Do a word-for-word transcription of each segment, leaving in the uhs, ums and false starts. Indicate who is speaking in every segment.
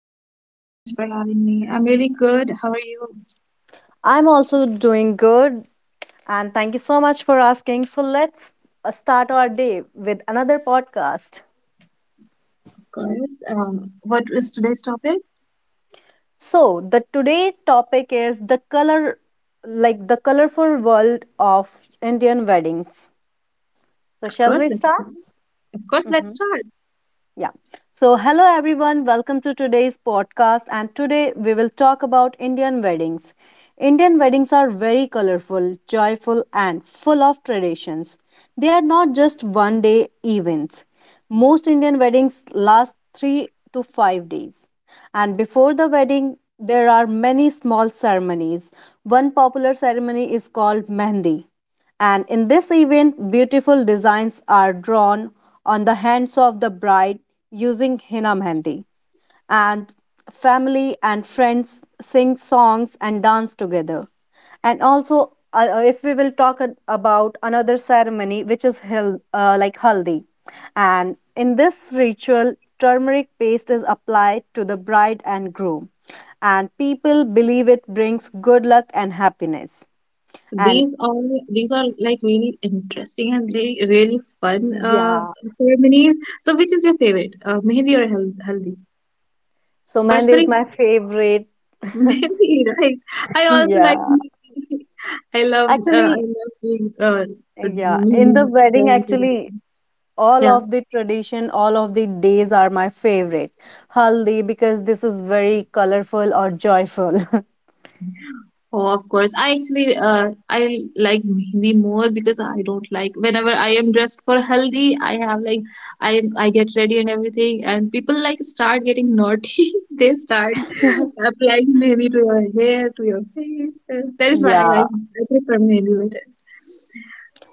Speaker 1: Sona. Thank you so much for having me. I'm really good. How are you?
Speaker 2: I'm also doing good, and thank you so much for asking. So let's uh, start our day with another podcast.
Speaker 1: Of course. Um, what is today's topic?
Speaker 2: So the today topic is the color, like the colorful world of Indian weddings. So
Speaker 1: Of
Speaker 2: shall
Speaker 1: course,
Speaker 2: we
Speaker 1: let's
Speaker 2: start?
Speaker 1: of course
Speaker 2: Mm-hmm.
Speaker 1: let's start.
Speaker 2: Yeah. So, hello everyone, welcome to today's podcast. And today we will talk about Indian weddings. Indian weddings are very colorful, joyful, and full of traditions. They are not just one day events. Most Indian weddings last three to five days. And before the wedding, there are many small ceremonies. One popular ceremony is called Mehndi. And in this event, beautiful designs are drawn on the hands of the bride using henna mehndi. And family and friends sing songs and dance together. And also, uh, uh, if we will talk a- about another ceremony, which is hel- uh, like haldi. And in this ritual, turmeric paste is applied to the bride and groom. And people believe it brings good luck and happiness. And
Speaker 1: These are these are like really interesting and they really fun uh
Speaker 2: yeah.
Speaker 1: ceremonies. So, which is your favorite? Uh, mehndi or hal haldi?
Speaker 2: So Mehndi is
Speaker 1: Personally,
Speaker 2: my favorite.
Speaker 1: mehndi, right? I also like
Speaker 2: Yeah.
Speaker 1: mehndi. I love uh, I
Speaker 2: Actually,
Speaker 1: love doing uh,
Speaker 2: yeah, in
Speaker 1: mehndi
Speaker 2: the wedding,
Speaker 1: drawings and
Speaker 2: actually,
Speaker 1: everything.
Speaker 2: all of the tradition, all of the days are my favorite. Haldi, because this is very colorful or joyful.
Speaker 1: Oh, of course. I actually uh, I like mehndi more because I don't like whenever I am dressed for haldi, I have like I I get ready and everything, and people like start getting naughty. They start applying mehndi to your hair, to your face. Uh, That is why I
Speaker 2: Yeah.
Speaker 1: like I prefer mehndi better.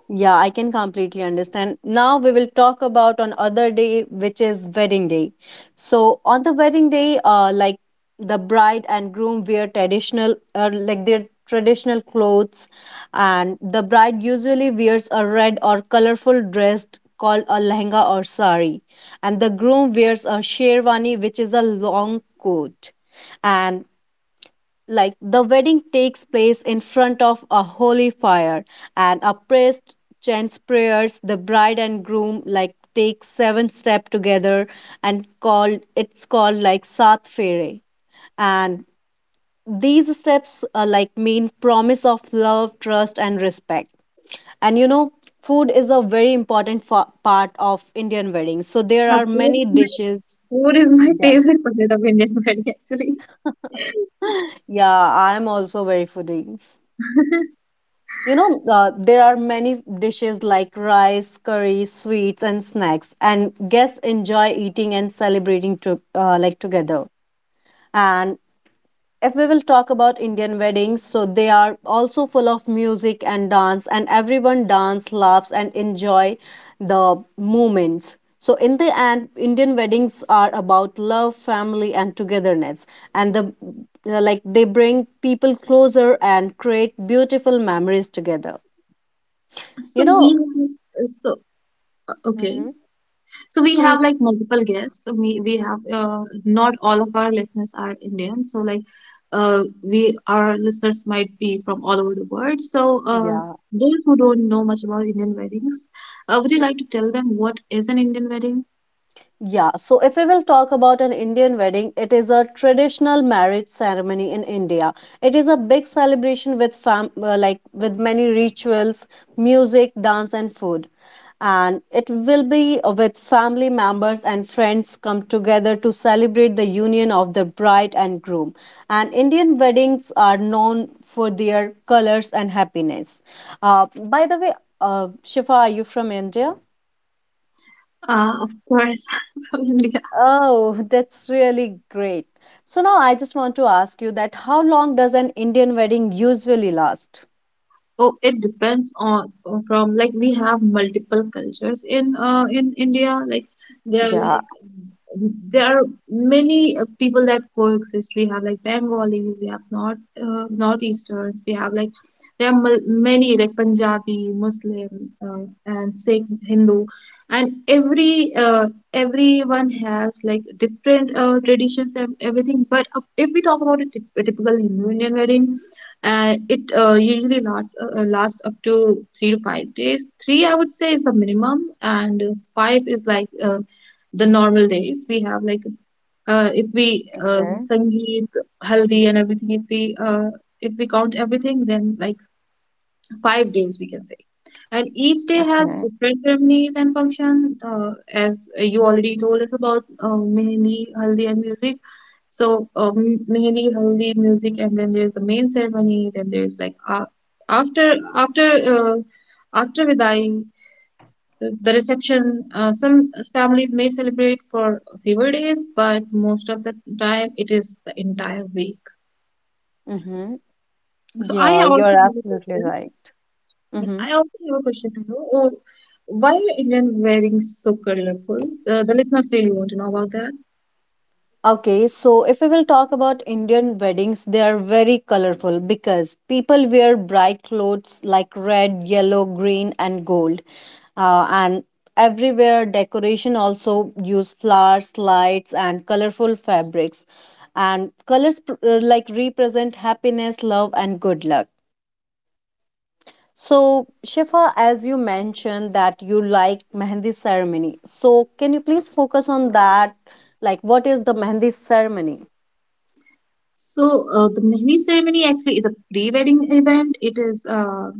Speaker 2: Yeah, I can completely understand. Now we will talk about on other day, which is wedding day. So on the wedding day, uh, like the bride and groom wear traditional, uh, like their traditional clothes, and the bride usually wears a red or colorful dress called a lehenga or sari, and the groom wears a sherwani, which is a long coat, and like the wedding takes place in front of a holy fire and a priest chants prayers the bride and groom like take seven step together and called it's called like sat fere and these steps are like mean promise of love trust and respect. And you know food is a very important fa- part of Indian weddings, so there
Speaker 1: Now,
Speaker 2: are
Speaker 1: food
Speaker 2: many
Speaker 1: is my
Speaker 2: dishes.
Speaker 1: food is my
Speaker 2: Yeah.
Speaker 1: favorite part of Indian wedding actually.
Speaker 2: Yeah, I'm also very foodie. You know, uh, there are many dishes like rice, curry, sweets, and snacks, and guests enjoy eating and celebrating to, uh, like together. And if we will talk about Indian weddings, so they are also full of music and dance, and everyone dance, laughs, and enjoy the moments. So in the end, Indian weddings are about love, family, and togetherness, and the uh, like they bring people closer and create beautiful memories together.
Speaker 1: So
Speaker 2: You
Speaker 1: we
Speaker 2: know,
Speaker 1: have- uh, so uh, okay.
Speaker 2: hmm
Speaker 1: So we have
Speaker 2: please.
Speaker 1: like multiple guests. So We we have uh, not all of our listeners are Indian. So like uh, we our listeners might be from all over the world. So uh,
Speaker 2: Yeah.
Speaker 1: those who don't know much about Indian weddings, uh, would you like to tell them what is an Indian wedding?
Speaker 2: Yeah, so if we will talk about an Indian wedding, it is a traditional marriage ceremony in India. It is a big celebration with fam uh, like with many rituals, music, dance and food. And it will be uh, with family members and friends come together to celebrate the union of the bride and groom. And Indian weddings are known for their colors and happiness. Uh, by the way, uh, Shifa, are you from India?
Speaker 1: Uh, of course, from India.
Speaker 2: Oh, that's really great. So now I just want to ask you that how long does an Indian wedding usually last?
Speaker 1: Oh, it depends on from like we have multiple cultures in uh, in India. Like there are
Speaker 2: Yeah.
Speaker 1: like there are many uh, people that coexist. We have like Bengalis, we have North uh, Northeasters, we have like there are mul- many like Punjabi, Muslim, uh, and Sikh, Hindu, and every uh, everyone has like different uh, traditions and everything. But uh, if we talk about a typ- a typical Hindu Indian wedding and it uh, usually lasts uh, uh, lasts up to three to five days. Three, I would say, is the minimum, and uh, five is like uh, the normal days we have. Like uh, if we uh,
Speaker 2: Okay.
Speaker 1: sangeet, haldi, and everything, if we uh, if we count everything, then like five days we can say. And each day
Speaker 2: Okay.
Speaker 1: has different ceremonies and function. Uh, as you already told us about uh, Mehndi, Haldi, and music. So um, Mehndi, Haldi, music, and then there's the main ceremony. Then there's like uh, after after uh, after Vidai, the the reception. Uh, some families may celebrate for a few days, but most of the time it is the entire week.
Speaker 2: Mm-hmm.
Speaker 1: So I
Speaker 2: Yeah,
Speaker 1: also
Speaker 2: you're
Speaker 1: have a
Speaker 2: absolutely
Speaker 1: question.
Speaker 2: right. Mm-hmm.
Speaker 1: I also have a question to you. Uh, why are Indian wearing so colorful? Uh, the listeners really want to know about that.
Speaker 2: Okay, so if we will talk about Indian weddings, they are very colorful because people wear bright clothes like red, yellow, green, and gold. Uh, and everywhere decoration also use flowers, lights, and colorful fabrics. And colors pr- uh, like represent happiness, love, and good luck. So, Shifa, as you mentioned that you like Mehndi ceremony, so can you please focus on that? Like, what is the Mehndi ceremony?
Speaker 1: So uh, the mehndi ceremony actually is a pre-wedding event. It is uh,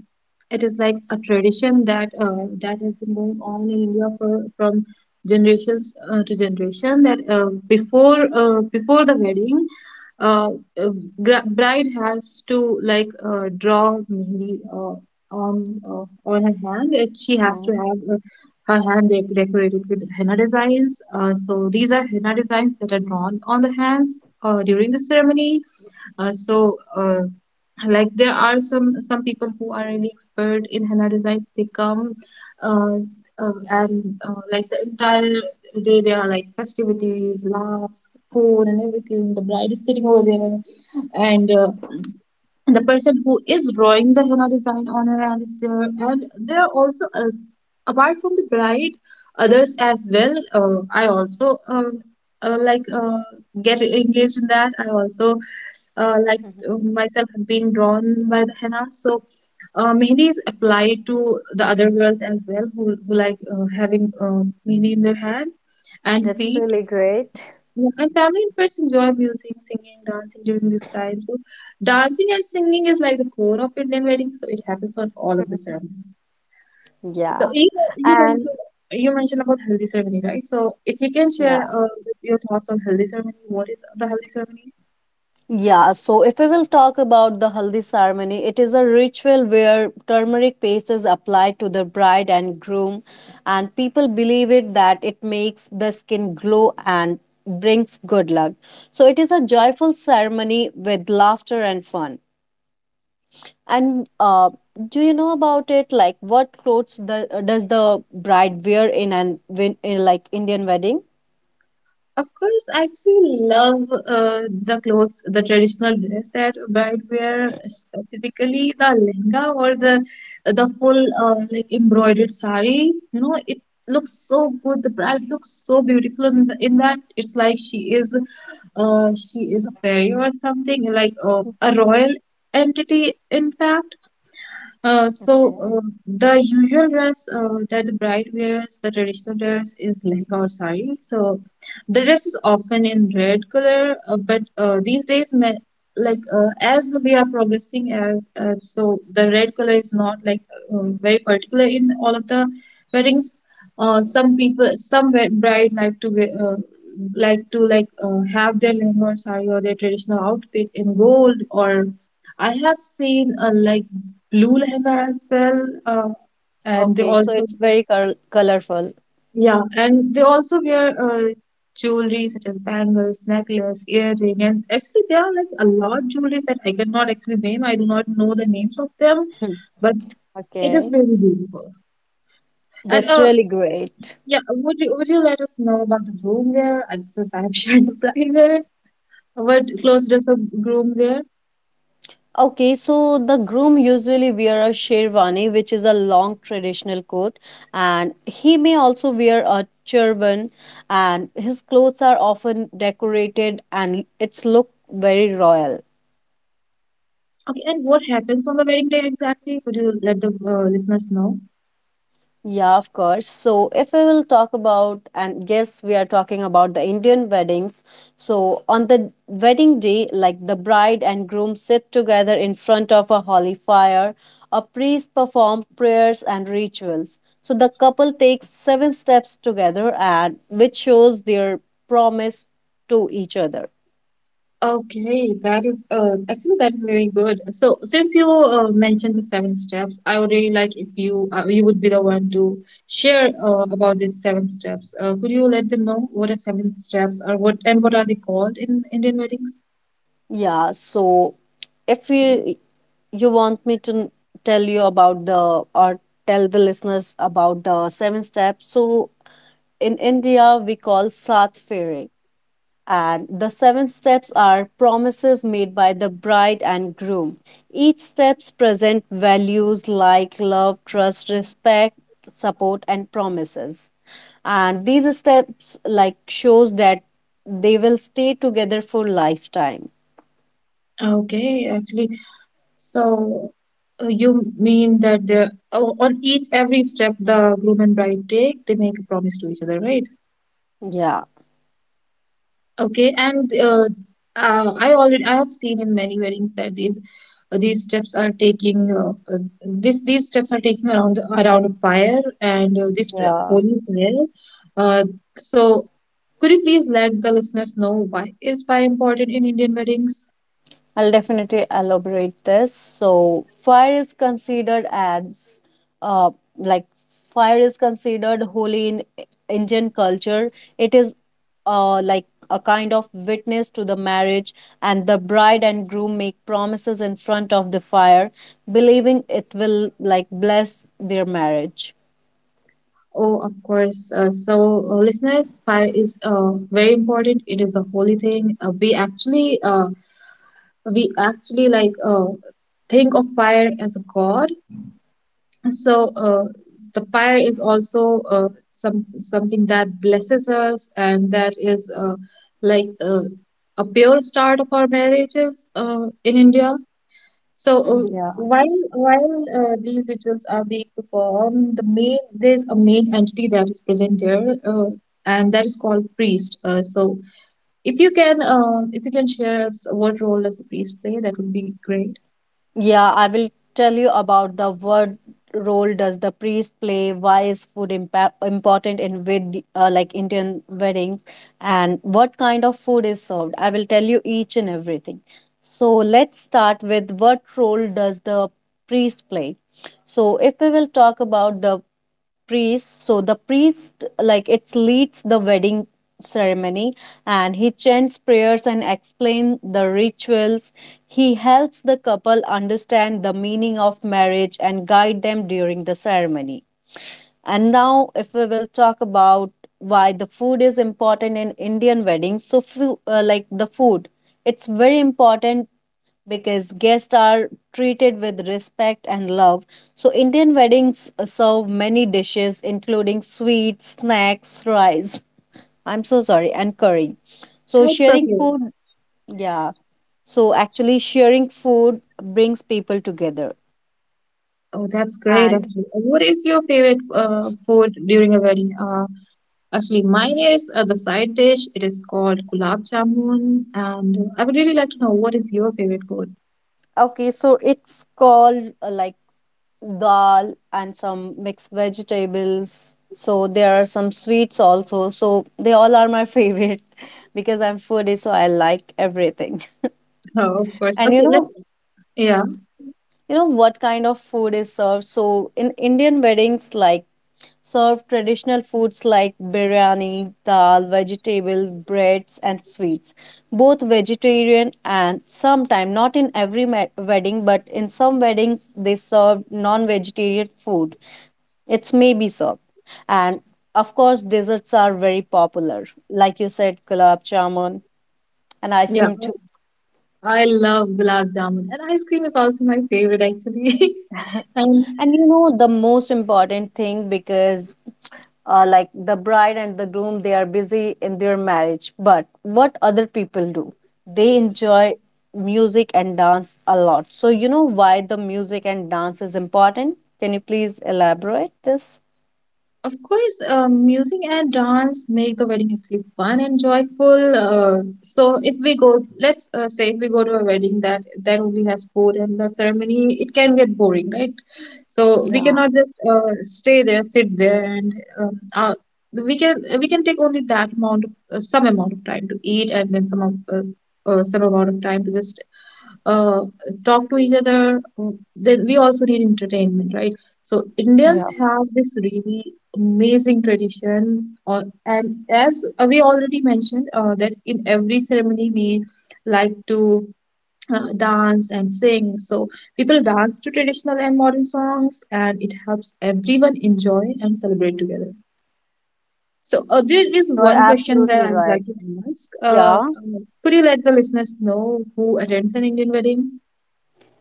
Speaker 1: it is like a tradition that uh, that has been going on in India for from generations uh, to generation. That uh, before uh, before the wedding, uh, uh, gra- bride has to like uh, draw mehndi uh, on uh, on her hand. Uh, She has to
Speaker 2: Hi.
Speaker 1: have Her hand dec- decorated with henna designs. Uh, so these are henna designs that are drawn on the hands uh, during the ceremony. Uh, so uh, like there are some some people who are really expert in henna designs. They come uh, uh, and uh, like the entire day there are like festivities, laughs, food, and everything. The bride is sitting over there, and uh, the person who is drawing the henna design on her hand is there, and there are also uh, apart from the bride others as well. Uh, i also um, uh, like uh, get engaged in that. I also uh, like uh,
Speaker 2: Mhm.
Speaker 1: myself being drawn by the henna, so uh, mehndi is applied to the other girls as well who, who like uh, having uh, mehndi in their hand and
Speaker 2: That's
Speaker 1: feet.
Speaker 2: really great.
Speaker 1: Yeah, and family and friends enjoy music, singing, dancing during this time. So, dancing and singing is like the core of Indian wedding. So, it happens on all of the ceremony. So,
Speaker 2: Yeah.
Speaker 1: if you went to,
Speaker 2: And
Speaker 1: you mentioned about healthy ceremony, right? So, if you can share
Speaker 2: yeah.
Speaker 1: uh, your thoughts on healthy ceremony, what is the healthy ceremony?
Speaker 2: Yeah, so if we will talk about the haldi ceremony, it is a ritual where turmeric paste is applied to the bride and groom, and people believe it that it makes the skin glow and brings good luck. So it is a joyful ceremony with laughter and fun. And uh, do you know about it? Like, what clothes the, does the bride wear in an win, in like Indian wedding?
Speaker 1: Of course, I actually love uh, the clothes, the traditional dress that bride wear, specifically the lehenga or the the full uh, like embroidered sari. You know, it looks so good. The bride looks so beautiful in, the, in that. It's like she is uh she is a fairy or something like uh, a
Speaker 2: Mhm.
Speaker 1: royal entity, in fact. Uh, so
Speaker 2: Okay.
Speaker 1: uh, the usual dress uh, that the bride wears, the traditional dress is lehenga or sari. So the dress is often in red color, uh, but uh, these days, men, like uh, as we are progressing, as uh, so the red color is not like uh, very particular in all of the weddings. Uh, some people, some wed- bride like to wear, uh, like to like uh, have their lehenga or sari or their traditional outfit in gold, or I have seen a like blue lehenga as well, uh, and they
Speaker 2: Okay, so
Speaker 1: also
Speaker 2: it's very col colorful.
Speaker 1: Yeah, and they also wear uh, jewelry such as bangles, necklace, earring, and actually there are like a lot of jewelries that I cannot actually name. I do not know the names of them, but it is
Speaker 2: Okay.
Speaker 1: very beautiful. And
Speaker 2: That's
Speaker 1: uh,
Speaker 2: really great.
Speaker 1: yeah, would you would you let us know about the groom wear? Uh, Since I have shared the bride wear, what clothes does the groom wear?
Speaker 2: Okay, so the groom usually wear a sherwani, which is a long traditional coat, and he may also wear a turban, and his clothes are often decorated and it's look very royal.
Speaker 1: Okay, and what happens on the wedding day exactly? Could you let the uh, listeners know?
Speaker 2: Yeah, of course. So, if we will talk about, and guess we are talking about the Indian weddings. So, on the wedding day, like the bride and groom sit together in front of a holy fire, a priest perform prayers and rituals. So, the couple takes seven steps together, and which shows their promise to each other.
Speaker 1: Okay, that is uh actually that is really good. So since you uh, mentioned the seven steps, I would really like if you uh, you would be the one to share uh, about these seven steps. Uh, could you let them know what are seven steps or what and what are they called in Indian weddings?
Speaker 2: Yeah, so if you you want me to tell you about the or tell the listeners about the seven steps, so in India we call Sat Fairy. And the seven steps are promises made by the bride and groom. Each steps present values like love, trust, respect, support, and promises. And these steps like shows that they will stay together for lifetime.
Speaker 1: Okay, actually, so uh, you mean that they're oh, on each every step the groom and bride take, they make a promise to each other, right?
Speaker 2: Yeah.
Speaker 1: Okay, and uh, uh, I already I have seen in many weddings that these uh, these steps are taking uh, uh, this these steps are taking around around a fire and uh, this uh,
Speaker 2: Yeah,
Speaker 1: holy fire. Uh, so could you please let the listeners know why is fire important in Indian weddings?
Speaker 2: I'll definitely elaborate this. So, fire is considered as, uh, like fire is considered holy in I- Indian culture. It is, uh, like a kind of witness to the marriage, and the bride and groom make promises in front of the fire, believing it will like bless their marriage.
Speaker 1: Oh, of course. Uh, so uh, listeners, fire is uh, very important. It is a holy thing. Uh, we actually uh, we actually like uh, think of fire as a god, so uh, the fire is also uh, some something that blesses us, and that is uh, like uh, a pure start of our marriages uh, in India. So uh,
Speaker 2: Yeah.
Speaker 1: while while uh, these rituals are being performed, the main there's a main entity that is present there, uh, and that is called priest. Uh, so if you can uh, if you can share us what role does a priest play, that would be great.
Speaker 2: Yeah, I will tell you about the what role does the priest play? Why is food impa- important in with uh, like Indian weddings, and what kind of food is served? I will tell you each and everything. So let's start with what role does the priest play? So if we will talk about the priest so the priest like it leads the wedding ceremony and he chants prayers and explains the rituals. He helps the couple understand the meaning of marriage and guide them during the ceremony. And now, if we will talk about why the food is important in Indian weddings, so fu- uh, like the food, it's very important because guests are treated with respect and love. So Indian weddings uh, serve many dishes, including sweets, snacks, rice. I'm so sorry, and curry. So
Speaker 1: It's
Speaker 2: sharing
Speaker 1: okay.
Speaker 2: food, yeah. So actually, sharing food brings people together.
Speaker 1: Oh, that's great,
Speaker 2: And
Speaker 1: actually. Uh, What is your favorite uh, food during a wedding? Uh, actually, mine is uh, the side dish. It is called gulab jamun, and uh, I would really like to know what is your favorite food.
Speaker 2: okay, so it's called uh, like dal and some mixed vegetables. So there are some sweets also. So they all are my favorite because I'm foodie, so I like everything.
Speaker 1: Oh, of course.
Speaker 2: And you
Speaker 1: Okay, let's.
Speaker 2: know,
Speaker 1: Yeah,
Speaker 2: you know what kind of food is served. So in Indian weddings, like serve traditional foods like biryani, dal, vegetables, breads, and sweets. Both vegetarian and sometime not in every ma- wedding, but in some weddings they serve non-vegetarian food. It's maybe served. And of course, desserts are very popular. Like you said, gulab jamun and ice
Speaker 1: yeah.
Speaker 2: cream too.
Speaker 1: I love gulab jamun, and ice cream is also my favorite, actually. And
Speaker 2: And you know, the most important thing because uh, like the bride and the groom, they are busy in their marriage. But what other people do? They enjoy music and dance a lot. So you know why the music and dance is important? Can you please elaborate this?
Speaker 1: Of course, uh, music and dance make the wedding actually fun and joyful. Uh, so if we go, let's uh, say if we go to a wedding that that only has food and the ceremony, it can get boring, right? So we
Speaker 2: Yeah,
Speaker 1: cannot just uh, stay there, sit there, and um, uh, we can we can take only that amount of uh, some amount of time to eat, and then some of, uh, uh, some amount of time to just uh, talk to each other, mm, then we also need entertainment, right? So Indians
Speaker 2: yeah.
Speaker 1: have this really amazing tradition, uh, and as uh, we already mentioned, uh, that in every ceremony we like to uh, dance and sing. So people dance to traditional and modern songs, and it helps everyone enjoy and celebrate together. So uh, there
Speaker 2: Yeah,
Speaker 1: is
Speaker 2: you are
Speaker 1: one question that
Speaker 2: absolutely
Speaker 1: I would like
Speaker 2: right.
Speaker 1: to ask. Uh,
Speaker 2: Yeah.
Speaker 1: um, could you let the listeners know who attends an Indian wedding?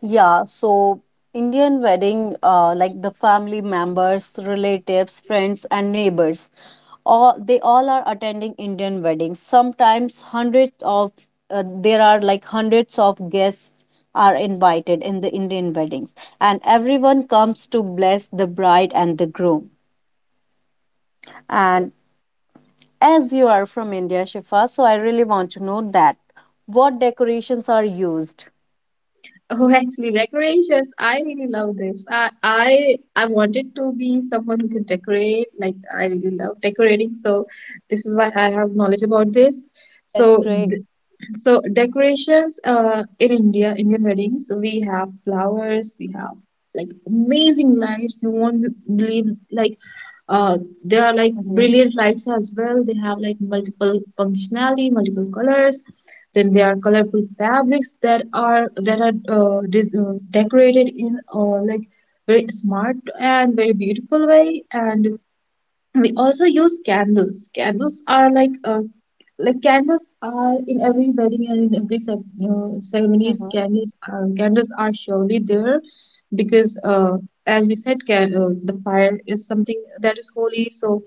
Speaker 2: Yeah, so Indian wedding, uh, like the family members, relatives, friends, and neighbors, all they all are attending Indian weddings. Sometimes hundreds of uh, there are like hundreds of guests are invited in the Indian weddings, and everyone comes to bless the bride and the groom. And as you are from India, Shifa, so I really want to know that what decorations are used.
Speaker 1: Oh, actually, decorations. I really love this. I I I wanted to be someone who can decorate. Like I really love decorating, so this is why I have knowledge about this.
Speaker 2: Oh, that's
Speaker 1: So
Speaker 2: great.
Speaker 1: so decorations uh, in India, Indian weddings, we have flowers, we have like amazing lights. You won't believe like uh, there are like
Speaker 2: Mm-hmm.
Speaker 1: brilliant lights as well. They have like multiple functionality, multiple colors. Then there are colorful fabrics that are that are uh, dis- uh, decorated in uh, like very smart and very beautiful way. And we also use candles. Candles are like uh, like candles are in every wedding and in every cep- uh, ceremonies,
Speaker 2: Mm-hmm.
Speaker 1: candles uh, candles are surely there because uh, as we said, can, uh, the fire is something that is holy. So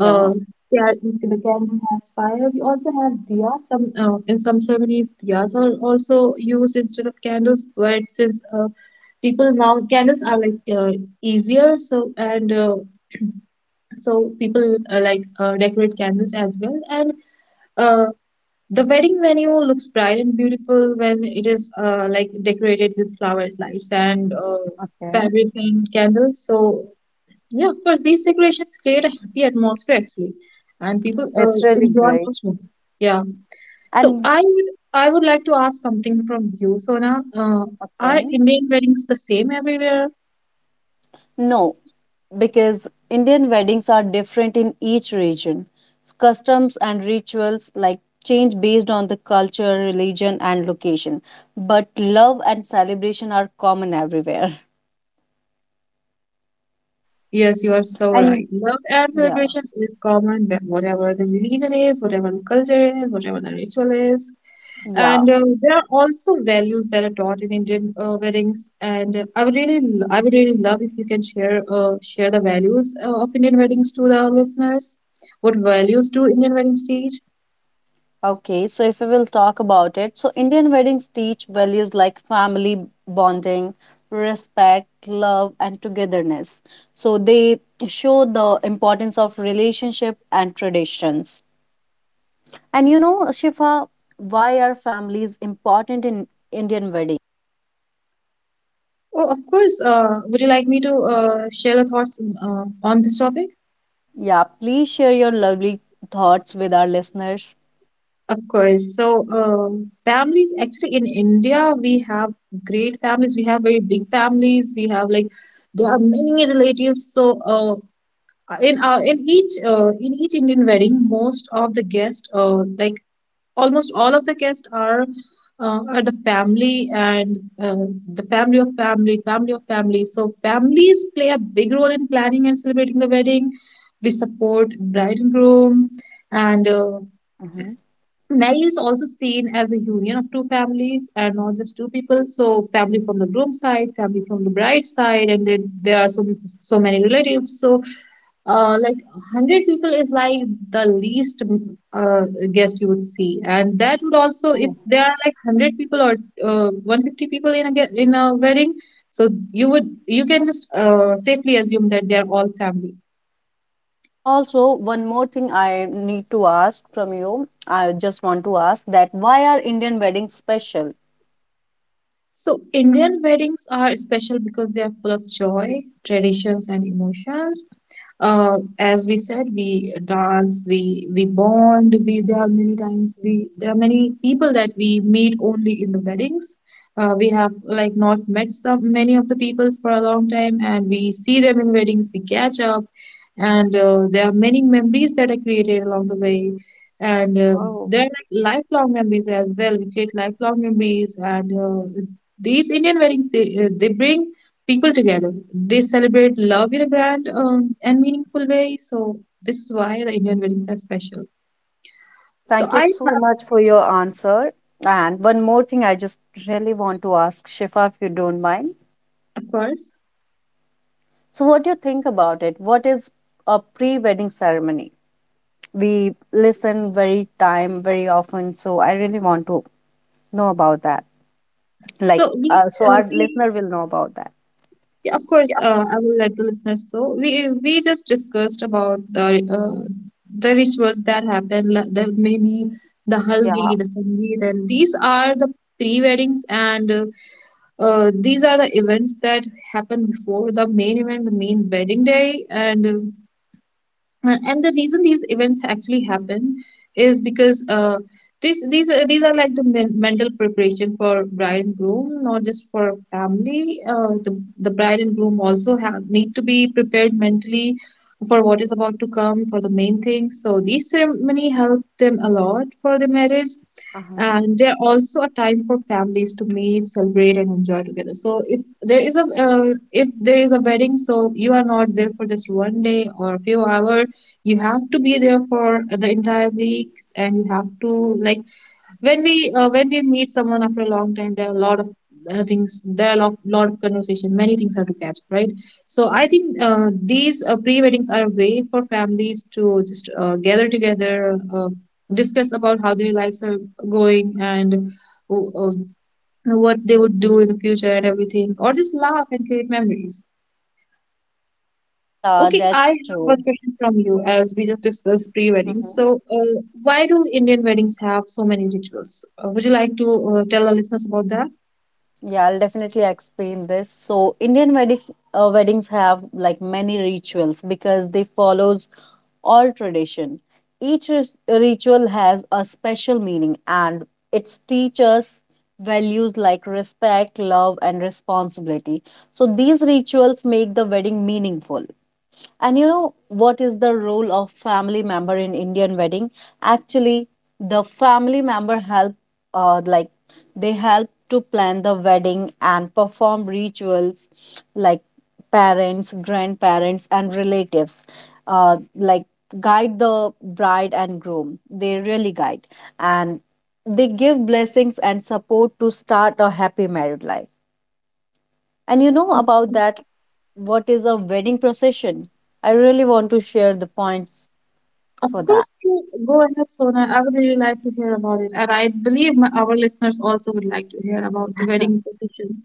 Speaker 1: uh, yeah, the candle has fire. We also have diya. Some uh, in some ceremonies, diyas are also used instead of candles, but since uh, people now, candles are like uh, easier, so and uh, so people uh, like uh, decorate candles as well and uh. The wedding venue looks bright and beautiful when it is uh, like decorated with flowers, lights, and uh,
Speaker 2: Okay.
Speaker 1: fabric and candles. So yeah, of course, these decorations create a happy atmosphere actually, and people uh,
Speaker 2: That's really
Speaker 1: enjoy
Speaker 2: great.
Speaker 1: much more. Yeah. So
Speaker 2: And
Speaker 1: I would I would like to ask something from you, Sona. Uh, are
Speaker 2: okay.
Speaker 1: Indian weddings the same everywhere?
Speaker 2: No, because Indian weddings are different in each region. S- Customs and rituals like change based on the culture, religion, and location. But love and celebration are common everywhere.
Speaker 1: Yes, you are so
Speaker 2: And
Speaker 1: right. Love and
Speaker 2: yeah,
Speaker 1: celebration is common, wh- whatever the religion is, whatever the culture is, whatever the ritual is.
Speaker 2: yeah.
Speaker 1: And uh, there are also values that are taught in Indian uh, weddings. And uh, I would really, l- I would really love if you can share, uh, share the values uh, of Indian weddings to the listeners. What values do Indian weddings teach?
Speaker 2: Okay, so if we will talk about it, so Indian weddings teach values like family bonding, respect, love, and togetherness. So they show the importance of relationship and traditions. And you know, Shifa, why are families important in Indian weddings?
Speaker 1: Oh, of course. Uh, would you like me to uh, share the thoughts uh, on this topic?
Speaker 2: Yeah, please share your lovely thoughts with our listeners.
Speaker 1: Of course. So, um, families, actually in India, we have great families. We have very big families. We have like there are many relatives. So, uh, Uh, in uh, in each uh, in each Indian wedding, most of the guests, uh, like almost all of the guests, are uh, are the family, and uh, the family of family, family of family. So families play a big role in planning and celebrating the wedding. We support bride and groom, and uh,
Speaker 2: Hmm.
Speaker 1: marriage is also seen as a union of two families and not just two people. So family from the groom side, family from the bride side, and then there are so so many relatives. So uh, like a hundred people is like the least, mm, uh, guest you would see. And that would also, if
Speaker 2: Oh.
Speaker 1: there are like a hundred people or uh, a hundred fifty people in a ge- in a wedding, so you would you can just uh, safely assume that they are all family.
Speaker 2: And also, one more thing I need to ask from you. I just want to ask that why are Indian weddings special?
Speaker 1: So, Indian weddings are special because they are full of joy, traditions, and emotions. Uh, as we said, we dance, we we bond. We there are many times we there are many people that we meet only in the weddings. Uh, we have like not met some many of the peoples for a long time, and we see them in weddings. We catch up, and uh, there are many memories that are created along the way, and uh,
Speaker 2: Oh,
Speaker 1: there are like lifelong memories as well. We create lifelong memories, and uh, these Indian weddings, they uh, they bring people together. They celebrate love in a grand, um, and meaningful way. So this is why the Indian weddings are special. So
Speaker 2: thank you
Speaker 1: I have,
Speaker 2: so much for your answer. And one more thing I just really want to ask Shifa, if you don't mind.
Speaker 1: of course.
Speaker 2: So, what do you think about it? What is a pre wedding ceremony? We listen very time, very often. So, I really want to know about that.
Speaker 1: So
Speaker 2: Like,
Speaker 1: we
Speaker 2: uh, so
Speaker 1: uh,
Speaker 2: our
Speaker 1: we
Speaker 2: listener will know about that.
Speaker 1: Yeah, of course, uh, I will let the listeners know. We we just discussed about the uh, the rituals that happen. La- The maybe the haldi,
Speaker 2: Yeah.
Speaker 1: the sangeet, and these are the pre-weddings. And uh, Uh, these are the events that happen before the main event, the main wedding day, and uh, and the reason these events actually happen is because uh, this these are, these are like the men- mental preparation for bride and groom, not just for family. Uh, the the bride and groom also have need to be prepared mentally for what is about to come for the main thing. So these ceremony help them a lot for the marriage,
Speaker 2: Uh-huh.
Speaker 1: and they're also a time for families to meet, celebrate, and enjoy together. So if there is a uh, if there is a wedding, so you are not there for just one day or a few hours. You have to be there for the entire weeks, and you have to like, when we uh, when we meet someone after a long time, there are a lot of uh, things, there are a lot, lot of conversation, many things are to catch right. So I think uh, these uh, pre-weddings are a way for families to just uh, gather together, uh, discuss about how their lives are going, and uh, uh, what they would do in the future and everything, or just laugh and create memories.
Speaker 2: Yeah,
Speaker 1: Okay, I have
Speaker 2: that's
Speaker 1: one
Speaker 2: true.
Speaker 1: question from you, as we just discussed pre-wedding.
Speaker 2: Hmm.
Speaker 1: So, uh, why do Indian weddings have so many rituals? Uh, would you like to uh, tell our listeners about that?
Speaker 2: Yeah, I'll definitely explain this. So, Indian weddings uh, weddings have like many rituals because they follows all tradition. Each ris- ritual has a special meaning and it teaches values like respect, love, and responsibility. So, these rituals make the wedding meaningful. And you know what is the role of family member in Indian wedding? Actually, the family member help uh, like they help to plan the wedding and perform rituals like parents, grandparents and relatives uh, like guide the bride and groom. They really guide and they give blessings and support to start a happy married life. And you know about
Speaker 1: Mhm.
Speaker 2: that, what is a wedding procession? I really want to share the points
Speaker 1: Of
Speaker 2: for
Speaker 1: course,
Speaker 2: that.
Speaker 1: you go ahead, Sona. I would really like to hear about it, and I believe my, our listeners also would like to hear about the wedding tradition.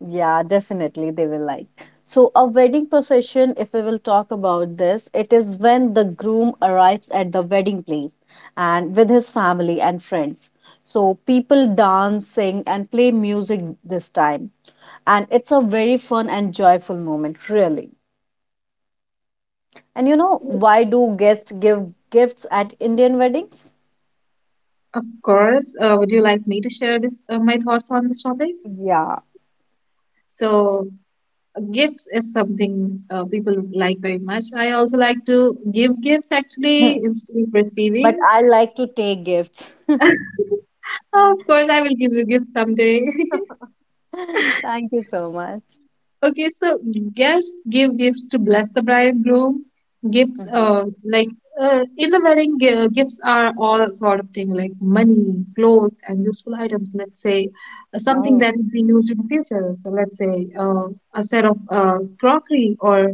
Speaker 2: Yeah, definitely they will like. So, a wedding procession, if we will talk about this, it is when the groom arrives at the wedding place and with his family and friends. So, people dance, sing, and play music this time. And it's a very fun and joyful moment, really. And you know, why do guests give gifts at Indian weddings?
Speaker 1: Of course, uh, would you like me to share this uh, my thoughts on this topic?
Speaker 2: Yeah.
Speaker 1: So, gifts is something uh, people like very much. I also like to give gifts actually, instead of
Speaker 2: But
Speaker 1: receiving.
Speaker 2: I like to take gifts.
Speaker 1: Of course, I will give you gifts someday.
Speaker 2: Thank you so much.
Speaker 1: Okay, so guests give gifts to bless the bride and groom. Gifts,
Speaker 2: Mhm.
Speaker 1: uh, like uh, In the wedding, gi- uh, gifts are all sort of thing, like money, clothes, and useful items. Let's say uh, something
Speaker 2: Oh,
Speaker 1: that would be used in the future. So let's say uh, a set of uh, crockery or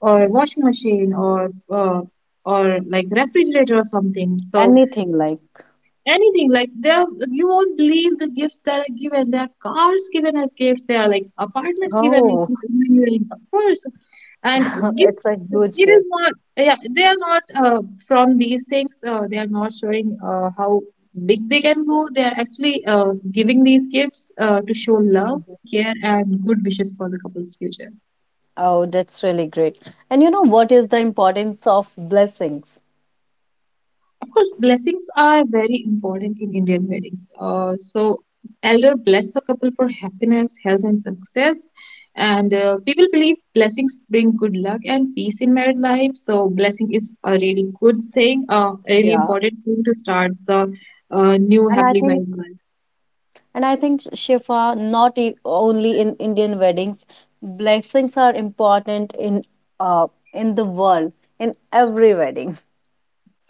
Speaker 1: or washing machine or uh, or like refrigerator or something. So
Speaker 2: anything like,
Speaker 1: anything like, there are, you won't believe the gifts that are given. There are cars given as gifts, there are like apartments given as
Speaker 2: oh,
Speaker 1: gifts, really, of course. and gift
Speaker 2: it's a huge
Speaker 1: it is
Speaker 2: gift.
Speaker 1: not, yeah, they are not uh, from these things, uh, they are not showing uh, how big they can go. They are actually uh, giving these gifts uh, to show love,
Speaker 2: Mhm.
Speaker 1: care, and good wishes for the couple's future.
Speaker 2: Oh, that's really great. And you know what is the importance of blessings?
Speaker 1: Of course, blessings are very important in Indian weddings. Uh, so, elder bless the couple for happiness, health, and success. And uh, people believe blessings bring good luck and peace in married life. So, blessing is a really good thing, uh, a really
Speaker 2: Yeah.
Speaker 1: important thing to start the uh, new
Speaker 2: And I
Speaker 1: happily
Speaker 2: think,
Speaker 1: married life.
Speaker 2: and I think, Shifa, not e- only in Indian weddings, blessings are important in uh in the world, in every wedding.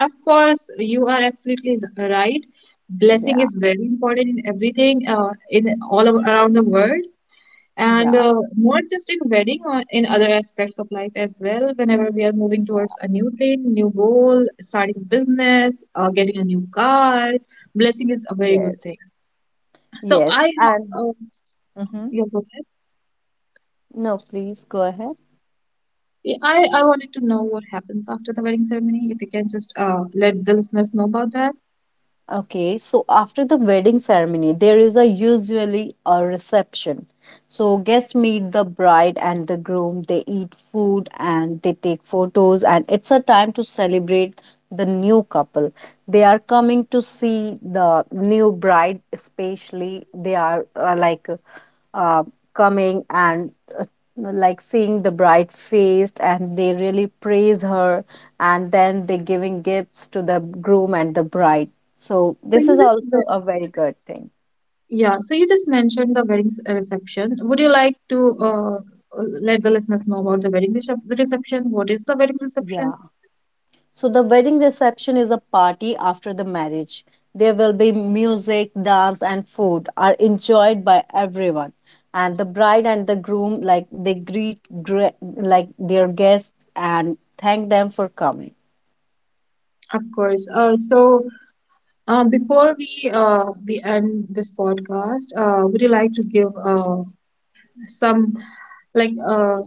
Speaker 1: Of course, you are absolutely r- right. Blessing
Speaker 2: Yeah.
Speaker 1: is very important in everything, uh, in all of, around the world. And
Speaker 2: Yeah.
Speaker 1: uh, not just in wedding, or in other aspects of life as well. Whenever we are moving towards a new thing, new goal, starting a business, uh, getting a new car, blessing is a very good
Speaker 2: Yes.
Speaker 1: thing. So I
Speaker 2: Yes.
Speaker 1: have
Speaker 2: And
Speaker 1: uh,
Speaker 2: mhm.
Speaker 1: Yeah, go ahead.
Speaker 2: No, please go ahead.
Speaker 1: Yeah, I, I wanted to know what happens after the wedding ceremony, if you can just uh, let the listeners know about that.
Speaker 2: Okay, so after the wedding ceremony, there is a usually a reception. So guests meet the bride and the groom, they eat food and they take photos, and it's a time to celebrate the new couple. They are coming to see the new bride, especially. They are uh, like uh, coming and uh, like seeing the bride faced and they really praise her, and then they giving gifts to the groom and the bride. So
Speaker 1: so
Speaker 2: this
Speaker 1: you
Speaker 2: is
Speaker 1: just
Speaker 2: also
Speaker 1: ve-
Speaker 2: a very good thing.
Speaker 1: yeah, so you just mentioned the wedding s- reception. Would you like to uh, let the listeners know about the wedding recep- reception, what is the wedding reception?
Speaker 2: Yeah. So the wedding reception is a party after the marriage. There will be music, dance and food are enjoyed by everyone, and the bride and the groom, like, they greet gre- like their guests and thank them for coming.
Speaker 1: Of course. Uh, so, um, before we uh, we end this podcast, uh, would you like to give uh, some like uh,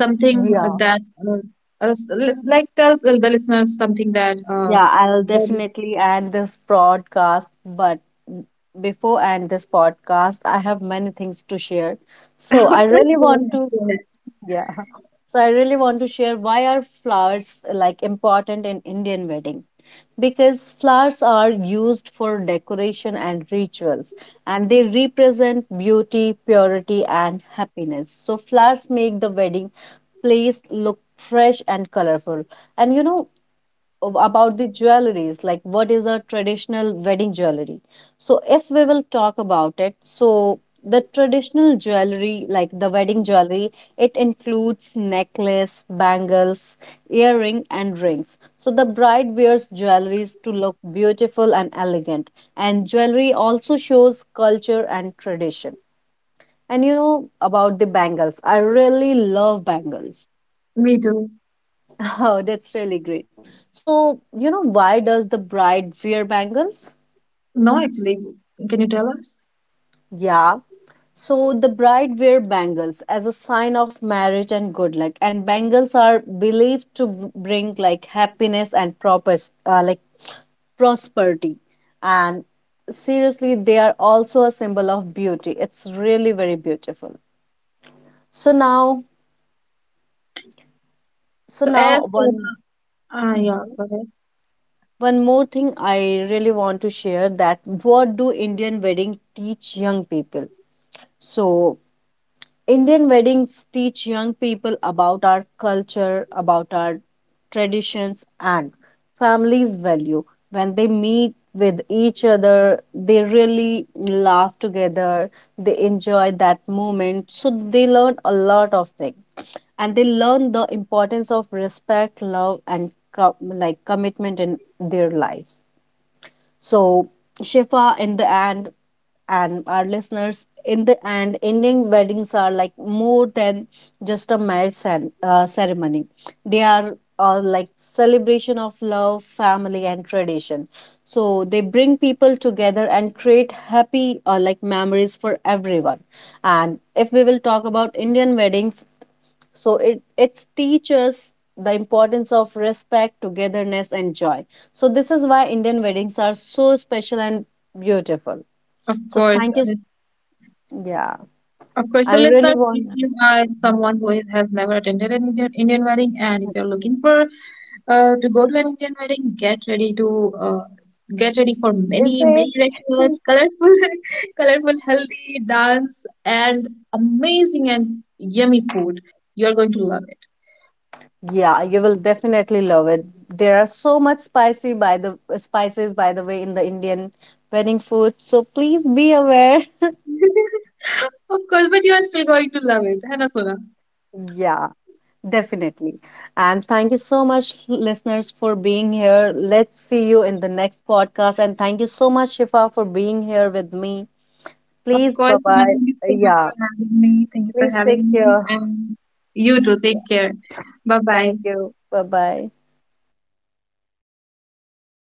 Speaker 1: something
Speaker 2: Yeah.
Speaker 1: that uh, uh, s- li- like tell the listeners something that uh,
Speaker 2: Yeah, I'll
Speaker 1: that is
Speaker 2: definitely end this broadcast, but before end this podcast, I have many things to share.
Speaker 1: of
Speaker 2: So I
Speaker 1: course,
Speaker 2: really
Speaker 1: go
Speaker 2: want
Speaker 1: ahead,
Speaker 2: to,
Speaker 1: go ahead.
Speaker 2: yeah. So I really want to share, why are flowers like important in Indian weddings? Because flowers are used for decoration and rituals, and they represent beauty, purity, and happiness. So flowers make the wedding place look fresh and colorful. And you know, ab- about the jewelries, like, what is a traditional wedding jewelry? So if we will talk about it, so the traditional jewelry, like the wedding jewelry, it includes necklace, bangles, earring and rings. So the bride wears jewelries to look beautiful and elegant, and jewelry also shows culture and tradition. And you know about the bangles, I really love bangles.
Speaker 1: Me too.
Speaker 2: Oh, that's really great. So, you know, why does the bride wear bangles?
Speaker 1: No, actually, can you tell us?
Speaker 2: Yeah. So, the bride wear bangles as a sign of marriage and good luck. And bangles are believed to b- bring like happiness and proper, uh, like prosperity. And seriously, they are also a symbol of beauty. It's really very beautiful. So now, so
Speaker 1: So, as
Speaker 2: now
Speaker 1: uh,
Speaker 2: one.
Speaker 1: ah, yeah,
Speaker 2: Mhm.
Speaker 1: go ahead.
Speaker 2: One more thing I really want to share, that what do Indian wedding teach young people? So Indian weddings teach young people about our culture, about our traditions and families value. When they meet with each other, they really laugh together, they enjoy that moment. So they learn a lot of things and they learn the importance of respect, love and co- like commitment in their lives. So, Shifa, in the end, and our listeners, in the end, Indian weddings are like more than just a marriage cen- uh, ceremony. They are uh, like celebration of love, family, and tradition. So they bring people together and create happy uh, like memories for everyone. And if we will talk about Indian weddings, so it it's teaches the importance of respect, togetherness, and joy. So this is why Indian weddings are so special and beautiful.
Speaker 1: Of
Speaker 2: So
Speaker 1: course,
Speaker 2: thank you.
Speaker 1: uh,
Speaker 2: Yeah,
Speaker 1: of course.
Speaker 2: I
Speaker 1: So,
Speaker 2: really
Speaker 1: listeners, if
Speaker 2: want
Speaker 1: you are
Speaker 2: to
Speaker 1: someone who is, has never attended an Indian Indian wedding, and if you're looking for Uh, to go to an Indian wedding, get ready to uh, get ready for many,
Speaker 2: visit.
Speaker 1: many rituals, colorful, colorful, healthy dance, and amazing and yummy food. You are going to love it.
Speaker 2: Yeah, you will definitely love it. There are so much spicy by the spices, by the way, in the Indian wedding food. So please be aware.
Speaker 1: Of course, but you are still going to love it, Hannah Sona.
Speaker 2: Yeah. Definitely. And thank you so much, listeners, for being here. Let's see you in the next podcast. And thank you so much, Shifa, for being here with me.
Speaker 1: Of
Speaker 2: Please, bye
Speaker 1: course, Hannah,
Speaker 2: bye.
Speaker 1: thank you so much
Speaker 2: Yeah,
Speaker 1: for having me. Thank you for
Speaker 2: please take
Speaker 1: having me,
Speaker 2: care.
Speaker 1: and you too. Take care. Bye bye.
Speaker 2: Thank you. Bye bye.